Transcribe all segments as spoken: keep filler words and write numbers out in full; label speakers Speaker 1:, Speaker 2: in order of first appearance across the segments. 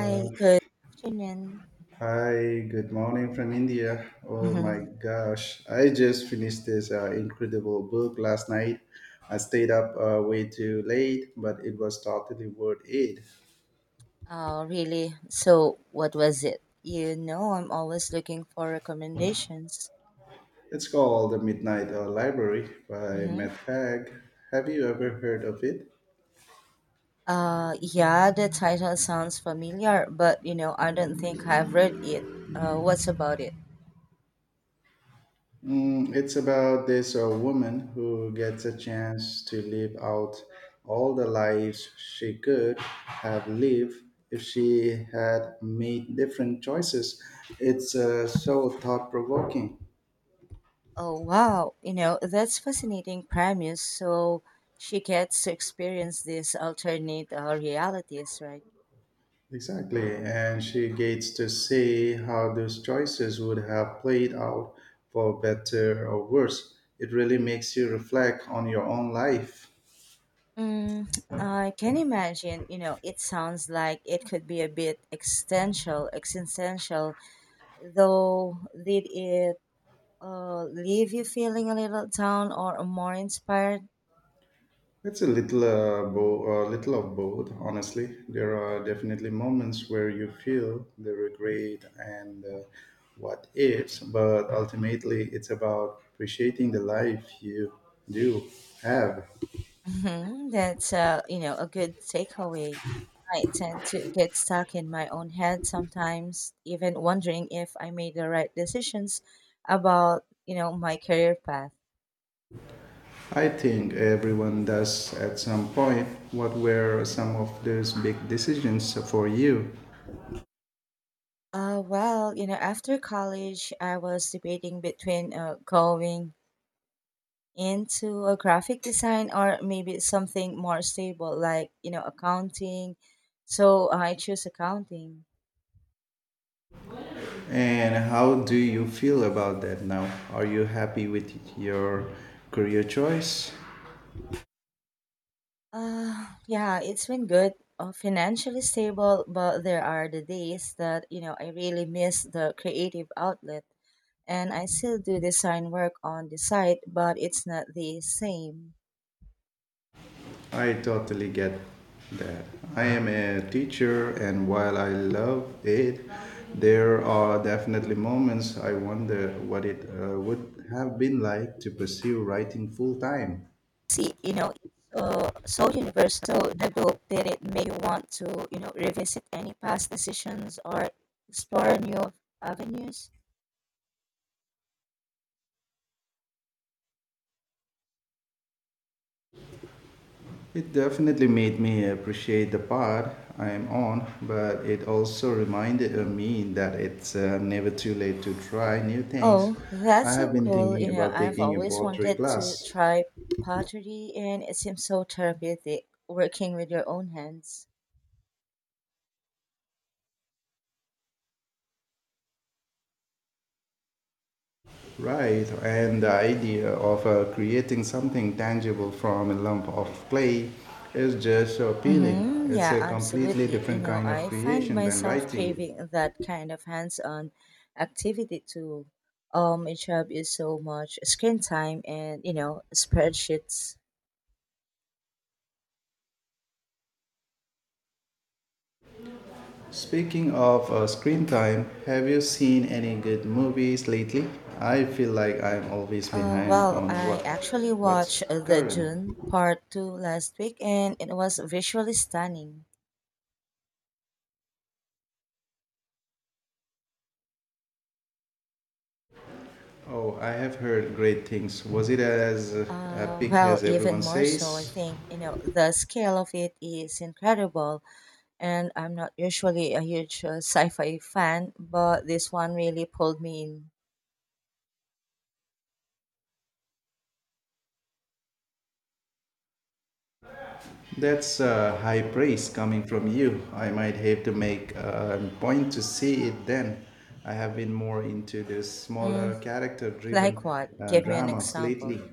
Speaker 1: Uh,
Speaker 2: Hi, good afternoon.
Speaker 1: Hi, good morning from India. Oh my
Speaker 2: Hmm.
Speaker 1: gosh, I just finished this uh, incredible book last night. I stayed up uh, way too late, but it was totally worth it.
Speaker 2: Oh, really? So, what was it? You know, I'm always looking for recommendations.
Speaker 1: It's called The Midnight uh, Library by
Speaker 2: Mm-hmm.
Speaker 1: Matt Haig. Have you ever heard of it?
Speaker 2: Uh, yeah, the title sounds familiar, but you know, I don't think I've read it. Uh, what's about it?
Speaker 1: Mm, it's about this uh, woman who gets a chance to live out all the lives she could have lived if she had made different choices. It's uh, so thought provoking.
Speaker 2: Oh, wow. You know, that's fascinating premise. So, she gets to experience these alternate uh, realities, right?
Speaker 1: Exactly. And she gets to see how those choices would have played out for better or worse. It really makes you reflect on your own life.
Speaker 2: Mm, I can imagine, you know, it sounds like it could be a bit existential, existential, though did it uh, leave you feeling a little down or more inspired?
Speaker 1: It's a little uh, bo- a little of both, honestly. There are definitely moments where you feel the regret and uh, what ifs, but ultimately it's about appreciating the life you do have.
Speaker 2: Mhm. That's, uh, you know, a good takeaway. I tend to get stuck in my own head sometimes, even wondering if I made the right decisions about, you know, my career path.
Speaker 1: I think everyone does at some point. What were some of those big decisions for you,
Speaker 2: Uh, well, you know, after college, I was debating between uh, going into a graphic design or maybe something more stable like you know accounting, so I choose accounting.
Speaker 1: and how do you feel about that now? Are you happy with your career choice?
Speaker 2: Uh yeah, it's been good, uh, financially stable, but there are the days that you know I really miss the creative outlet, and I still do design work on the side, but it's not the same.
Speaker 1: I totally get that. I am a teacher, and while I love it, there are definitely moments I wonder what it uh, would have been like to pursue writing full time.
Speaker 2: See, you know, it's uh, so universal, the group, that it may want to, you know, revisit any past decisions or explore new avenues.
Speaker 1: It definitely made me appreciate the part I am on, but it also reminded of me that it's uh, never too late to try new things.
Speaker 2: Oh, that's
Speaker 1: I
Speaker 2: so
Speaker 1: have been
Speaker 2: cool.
Speaker 1: thinking
Speaker 2: You know,
Speaker 1: about
Speaker 2: I've
Speaker 1: taking a
Speaker 2: always
Speaker 1: pottery
Speaker 2: wanted to
Speaker 1: class.
Speaker 2: try pottery, and it seems so therapeutic working with your own hands.
Speaker 1: Right, and the idea of uh, creating something tangible from a lump of clay is just appealing.
Speaker 2: Mm-hmm.
Speaker 1: It's
Speaker 2: Yeah,
Speaker 1: a completely
Speaker 2: absolutely. You
Speaker 1: different
Speaker 2: know,
Speaker 1: kind of
Speaker 2: I find
Speaker 1: creation than
Speaker 2: myself
Speaker 1: writing.
Speaker 2: craving that kind of hands-on activity too. Um, my job is so much screen time and, you know, spreadsheets.
Speaker 1: Speaking of uh, screen time, have you seen any good movies lately? I feel like I'm always
Speaker 2: Uh,
Speaker 1: behind
Speaker 2: well,
Speaker 1: on what
Speaker 2: I actually
Speaker 1: what's
Speaker 2: watched the
Speaker 1: current.
Speaker 2: June part two last week and it was visually stunning.
Speaker 1: Oh, I have heard great things. Was it as uh,
Speaker 2: Uh,
Speaker 1: epic
Speaker 2: well,
Speaker 1: as
Speaker 2: even
Speaker 1: everyone
Speaker 2: more so, I
Speaker 1: says?
Speaker 2: think, you know, the scale of it is incredible and I'm not usually a huge uh, sci-fi fan, but this one really pulled me in.
Speaker 1: That's uh, high praise coming from you. I might have to make a point to see it then. I have been more into the
Speaker 2: Mm,
Speaker 1: smaller character
Speaker 2: like
Speaker 1: driven
Speaker 2: what?
Speaker 1: uh,
Speaker 2: Give me an
Speaker 1: dramas lately.
Speaker 2: example.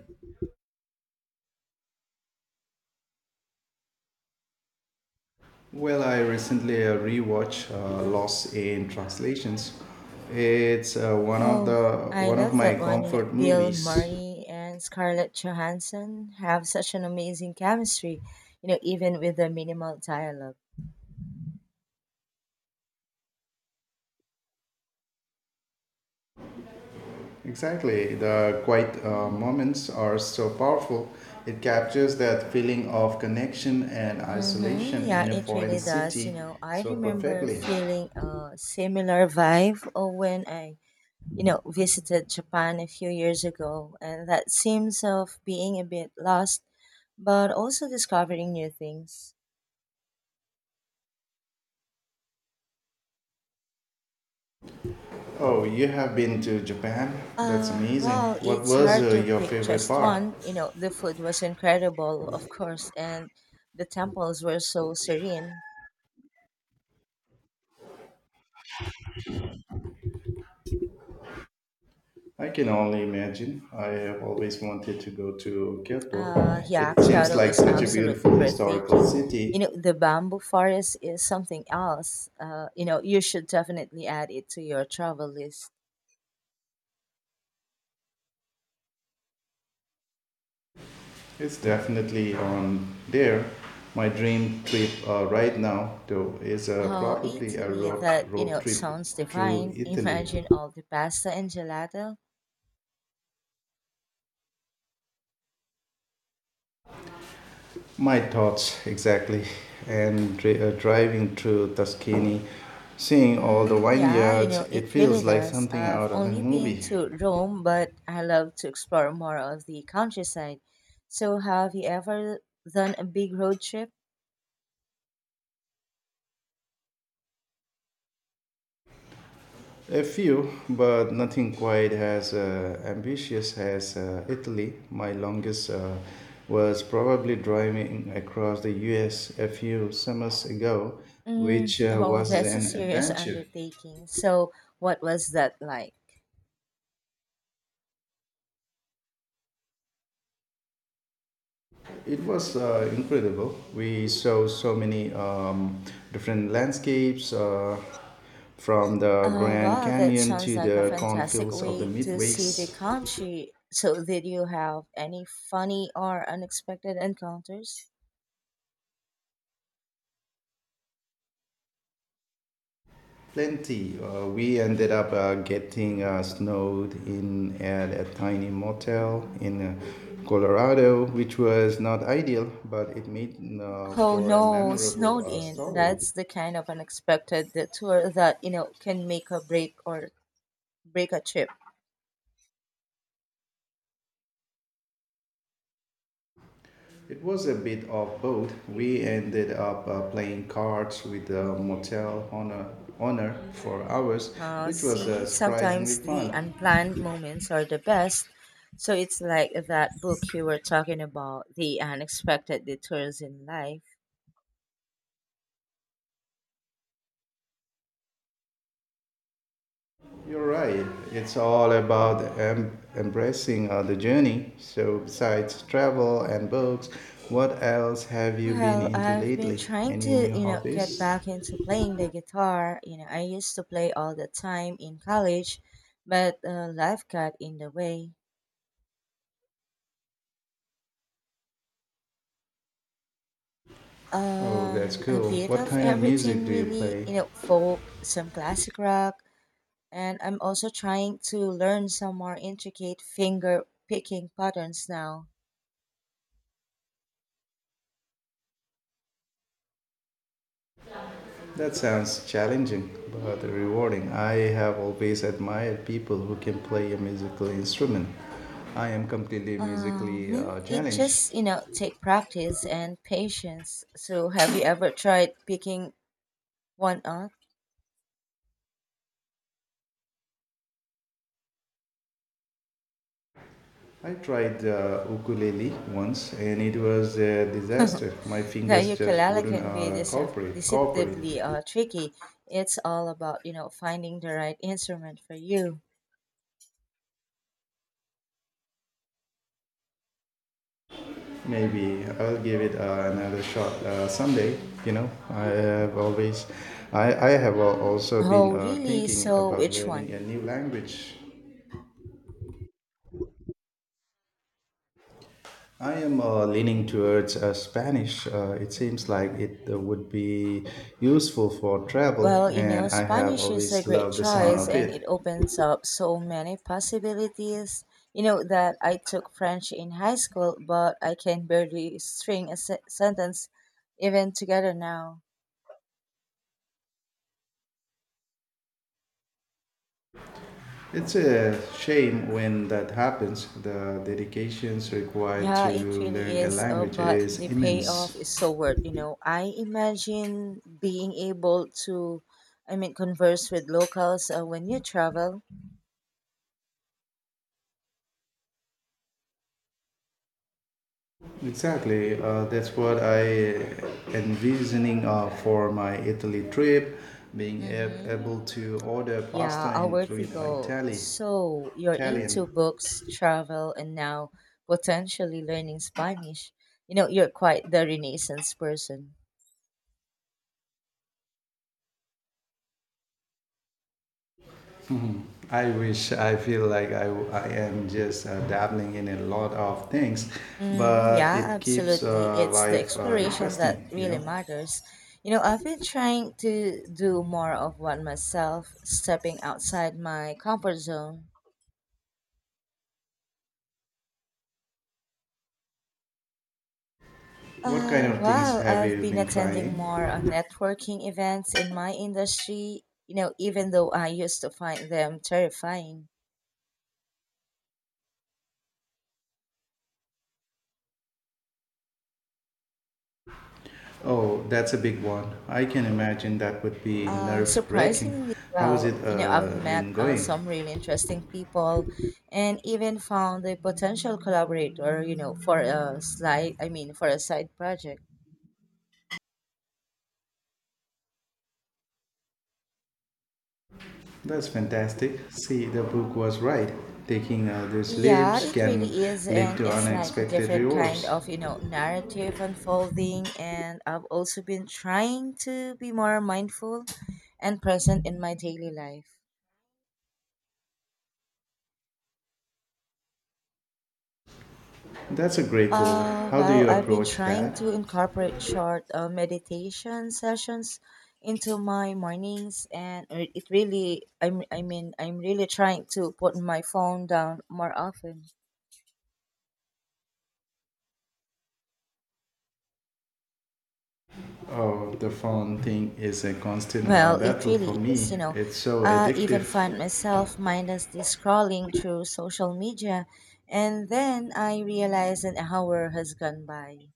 Speaker 1: Well, I recently uh, rewatched uh, Lost in Translations. It's uh, one of
Speaker 2: Oh,
Speaker 1: the
Speaker 2: I
Speaker 1: one of
Speaker 2: love
Speaker 1: my
Speaker 2: that one. You know,
Speaker 1: comfort
Speaker 2: Bill
Speaker 1: movies.
Speaker 2: Murray and Scarlett Johansson have such an amazing chemistry, you know, even with the minimal dialogue.
Speaker 1: Exactly. The quiet uh, moments are so powerful. It captures that feeling of connection and
Speaker 2: Mm-hmm.
Speaker 1: isolation
Speaker 2: Yeah,
Speaker 1: in a
Speaker 2: it
Speaker 1: foreign
Speaker 2: really does. You
Speaker 1: city
Speaker 2: know, I
Speaker 1: so
Speaker 2: remember
Speaker 1: perfectly.
Speaker 2: feeling a similar vibe of when I, you know, visited Japan a few years ago, and that seems of being a bit lost, but also discovering new things.
Speaker 1: Oh, you have been to Japan? That's
Speaker 2: Uh,
Speaker 1: amazing.
Speaker 2: well,
Speaker 1: What
Speaker 2: it's
Speaker 1: was
Speaker 2: hard
Speaker 1: uh,
Speaker 2: to
Speaker 1: your
Speaker 2: pick
Speaker 1: favorite
Speaker 2: just
Speaker 1: part?
Speaker 2: one. You know, the food was incredible, of course, and the temples were so serene.
Speaker 1: I can only imagine. I have always wanted to go to Kyoto.
Speaker 2: Uh, yeah,
Speaker 1: It seems
Speaker 2: Kyoto
Speaker 1: like
Speaker 2: is
Speaker 1: such a
Speaker 2: absolutely
Speaker 1: beautiful historical
Speaker 2: breathtaking.
Speaker 1: city.
Speaker 2: You know, the bamboo forest is something else. Uh, you know, you should definitely add it to your travel list.
Speaker 1: It's definitely on there. My dream trip uh, right now, though, is uh,
Speaker 2: Oh,
Speaker 1: probably a
Speaker 2: Italy,
Speaker 1: road,
Speaker 2: that, you
Speaker 1: road
Speaker 2: know,
Speaker 1: trip
Speaker 2: sounds
Speaker 1: through
Speaker 2: divine.
Speaker 1: Italy.
Speaker 2: Imagine all the pasta and gelato.
Speaker 1: My thoughts exactly, and dri- uh, driving through Tuscany, seeing all the
Speaker 2: Mm, yeah, you
Speaker 1: vineyards,
Speaker 2: know,
Speaker 1: it
Speaker 2: it really
Speaker 1: feels like
Speaker 2: does.
Speaker 1: something
Speaker 2: I've
Speaker 1: out of a
Speaker 2: only been
Speaker 1: movie.
Speaker 2: to Rome, but I love to explore more of the countryside. So, have you ever done a big road trip?
Speaker 1: A few, but nothing quite as uh, ambitious as uh, Italy. My longest uh, was probably driving across the U S a few summers ago, which
Speaker 2: Mm.
Speaker 1: uh,
Speaker 2: Oh,
Speaker 1: was
Speaker 2: that's a
Speaker 1: an
Speaker 2: serious
Speaker 1: adventure.
Speaker 2: undertaking. So, what was that like?
Speaker 1: It was uh, incredible. We saw so many um, different landscapes uh, from the
Speaker 2: Uh,
Speaker 1: Grand
Speaker 2: well, that
Speaker 1: Canyon
Speaker 2: sounds
Speaker 1: to
Speaker 2: like a
Speaker 1: the
Speaker 2: fantastic
Speaker 1: cornfields of the
Speaker 2: way to see the
Speaker 1: Midwest.
Speaker 2: country. So, did you have any funny or unexpected encounters?
Speaker 1: Plenty. Uh, we ended up uh, getting uh, snowed in at a tiny motel in uh, Colorado, which was not ideal, but it made uh,
Speaker 2: Oh
Speaker 1: for a
Speaker 2: no,
Speaker 1: memorable
Speaker 2: snowed
Speaker 1: uh,
Speaker 2: in.
Speaker 1: story.
Speaker 2: That's the kind of unexpected the tour that you know can make a break or break a trip.
Speaker 1: It was a bit of both. We ended up uh, playing cards with the motel owner, owner for hours,
Speaker 2: Uh,
Speaker 1: which was uh,
Speaker 2: see,
Speaker 1: surprisingly
Speaker 2: sometimes
Speaker 1: fun.
Speaker 2: the unplanned moments are the best. So it's like that book you were talking about, the unexpected detours in life.
Speaker 1: You're right. It's all about em- embracing uh, the journey. So, besides travel and books, what else have you been
Speaker 2: Well,
Speaker 1: into
Speaker 2: I've been
Speaker 1: lately?
Speaker 2: trying
Speaker 1: Any new
Speaker 2: to, you know, get
Speaker 1: hobbies?
Speaker 2: back into playing the guitar. You know, I used to play all the time in college, but uh, life got in the way.
Speaker 1: Oh, that's
Speaker 2: Um, a
Speaker 1: cool.
Speaker 2: bit
Speaker 1: What
Speaker 2: of
Speaker 1: kind of music
Speaker 2: everything,
Speaker 1: do you
Speaker 2: really.
Speaker 1: play?
Speaker 2: You know, folk, some classic rock, and I'm also trying to learn some more intricate finger picking patterns now.
Speaker 1: That sounds challenging but rewarding. I have always admired people who can play a musical instrument. I am completely musically
Speaker 2: Um,
Speaker 1: uh,
Speaker 2: it
Speaker 1: challenged.
Speaker 2: just you know take practice and patience. So, have you ever tried picking one up?
Speaker 1: I tried uh, ukulele once and it was a disaster. My
Speaker 2: The
Speaker 1: fingers just
Speaker 2: ukulele
Speaker 1: wouldn't
Speaker 2: can be
Speaker 1: uh,
Speaker 2: decep-
Speaker 1: cooperate. Cooperate.
Speaker 2: deceptively uh, tricky. It's all about you know finding the right instrument for you.
Speaker 1: Maybe I'll give it uh, another shot uh, someday. You know, I have always, I, I have al- also been
Speaker 2: Oh,
Speaker 1: uh,
Speaker 2: really?
Speaker 1: thinking
Speaker 2: So,
Speaker 1: about
Speaker 2: which
Speaker 1: learning a
Speaker 2: one?
Speaker 1: new language. I am uh, leaning towards uh, Spanish. Uh, it seems like it uh, would be useful for travel,
Speaker 2: Well, you
Speaker 1: and
Speaker 2: know,
Speaker 1: I have
Speaker 2: Spanish is a
Speaker 1: always
Speaker 2: great
Speaker 1: loved the sound
Speaker 2: choice
Speaker 1: of
Speaker 2: and it
Speaker 1: it.
Speaker 2: opens up so many possibilities. You know, that I took French in high school, but I can barely string a se- sentence even together now.
Speaker 1: It's a shame when that happens. The dedications required
Speaker 2: Yeah, it
Speaker 1: to
Speaker 2: really
Speaker 1: learn a
Speaker 2: is, uh,
Speaker 1: language
Speaker 2: but the
Speaker 1: is
Speaker 2: payoff
Speaker 1: immense.
Speaker 2: is so worth, you know. I imagine being able to, I mean, converse with locals uh, when you travel.
Speaker 1: Exactly, uh, that's what I envisioning uh, for my Italy trip, being ab-
Speaker 2: Mm-hmm.
Speaker 1: able to order
Speaker 2: Yeah,
Speaker 1: pasta
Speaker 2: our
Speaker 1: in fluent
Speaker 2: vertigo.
Speaker 1: Itali-
Speaker 2: So you're into
Speaker 1: Italian.
Speaker 2: books, travel, and now potentially learning Spanish. You know, you're quite the Renaissance person.
Speaker 1: I wish I feel like I, I am just uh, dabbling in a lot of things,
Speaker 2: Mm,
Speaker 1: but
Speaker 2: yeah,
Speaker 1: it keeps
Speaker 2: absolutely.
Speaker 1: uh,
Speaker 2: It's the
Speaker 1: life uh,
Speaker 2: exploration that
Speaker 1: interesting, you
Speaker 2: really
Speaker 1: know.
Speaker 2: matters. You know, I've been trying to do more of what myself, stepping outside my comfort zone.
Speaker 1: What kind
Speaker 2: Uh,
Speaker 1: of things
Speaker 2: well,
Speaker 1: have
Speaker 2: I've
Speaker 1: you
Speaker 2: been
Speaker 1: been
Speaker 2: attending
Speaker 1: trying?
Speaker 2: more uh, networking events in my industry, you know, even though I used to find them terrifying.
Speaker 1: Oh, that's a big one. I can imagine that would be
Speaker 2: Uh,
Speaker 1: nerve wracking.
Speaker 2: surprisingly
Speaker 1: How has it
Speaker 2: well. You know, I've
Speaker 1: uh, been
Speaker 2: met uh,
Speaker 1: going?
Speaker 2: some really interesting people and even found a potential collaborator, you know, for a slide, I mean, for a side project.
Speaker 1: That's fantastic. See, the book was right. Taking uh, those
Speaker 2: Yeah,
Speaker 1: leaps
Speaker 2: it
Speaker 1: can
Speaker 2: really is.
Speaker 1: lead
Speaker 2: And
Speaker 1: to
Speaker 2: it's like a
Speaker 1: unexpected
Speaker 2: different kind
Speaker 1: rewards.
Speaker 2: of, you know, narrative unfolding. And I've also been trying to be more mindful and present in my daily life.
Speaker 1: That's a great goal.
Speaker 2: Uh,
Speaker 1: How do
Speaker 2: well,
Speaker 1: you
Speaker 2: I've been
Speaker 1: approach that?
Speaker 2: trying to incorporate short uh, meditation sessions into my mornings, and it it really, I'm, I mean, I'm really trying to put my phone down more often.
Speaker 1: Oh, the phone thing is a constant uh,
Speaker 2: Well, it
Speaker 1: battle for
Speaker 2: really is,
Speaker 1: me.
Speaker 2: you know.
Speaker 1: It's so
Speaker 2: I even
Speaker 1: addictive.
Speaker 2: find myself mindlessly scrolling through social media, and then I realize an hour has gone by.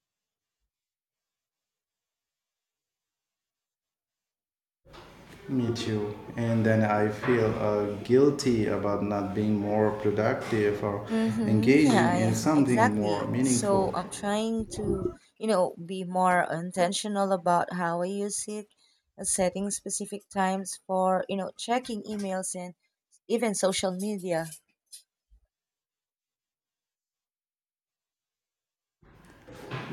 Speaker 1: Me too. And then I feel uh, guilty about not being more productive or
Speaker 2: Mm-hmm.
Speaker 1: engaging
Speaker 2: Yeah,
Speaker 1: in
Speaker 2: yeah,
Speaker 1: something
Speaker 2: exactly.
Speaker 1: more meaningful.
Speaker 2: So I'm trying to, you know, be more intentional about how I use it, uh, setting specific times for, you know, checking emails and even social media.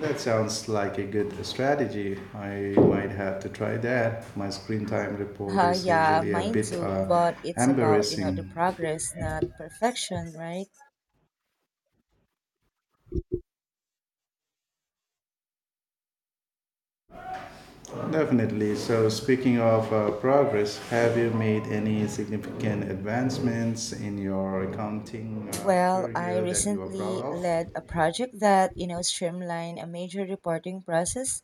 Speaker 1: That sounds like a good strategy. I might have to try that. My screen time report
Speaker 2: Uh,
Speaker 1: is
Speaker 2: yeah,
Speaker 1: usually a
Speaker 2: mine
Speaker 1: bit
Speaker 2: too,
Speaker 1: uh,
Speaker 2: but it's about, you know, the
Speaker 1: embarrassing.
Speaker 2: progress, not perfection, right?
Speaker 1: Definitely. So, speaking of uh, progress, have you made any significant advancements in your accounting uh,
Speaker 2: Well, I
Speaker 1: career that you are proud
Speaker 2: recently
Speaker 1: of?
Speaker 2: led a project that, you know, streamlined a major reporting process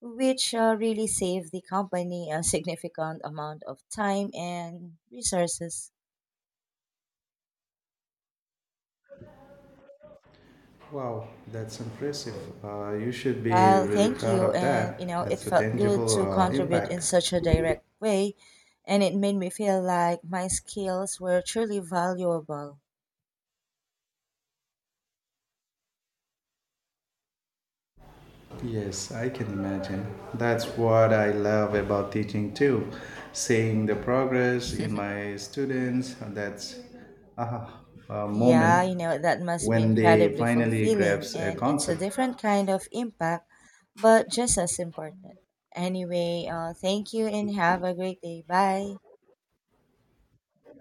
Speaker 2: which uh, really saved the company a significant amount of time and resources.
Speaker 1: Wow, that's impressive. Uh, you should be
Speaker 2: Well,
Speaker 1: really
Speaker 2: thank
Speaker 1: proud
Speaker 2: you.
Speaker 1: of
Speaker 2: And,
Speaker 1: that.
Speaker 2: you know, it
Speaker 1: That's a
Speaker 2: felt good
Speaker 1: tangible
Speaker 2: to
Speaker 1: uh,
Speaker 2: contribute in
Speaker 1: impact.
Speaker 2: such a direct way. And it made me feel like my skills were truly valuable.
Speaker 1: Yes, I can imagine. That's what I love about teaching too. Seeing the progress in my students, that's aha, a
Speaker 2: Yeah,
Speaker 1: moment
Speaker 2: you know, that must be
Speaker 1: when they
Speaker 2: incredibly
Speaker 1: finally
Speaker 2: fulfilling.
Speaker 1: grasp a
Speaker 2: And it's a
Speaker 1: concept.
Speaker 2: different kind of impact, but just as important. Anyway, uh, thank you and have a great day. Bye.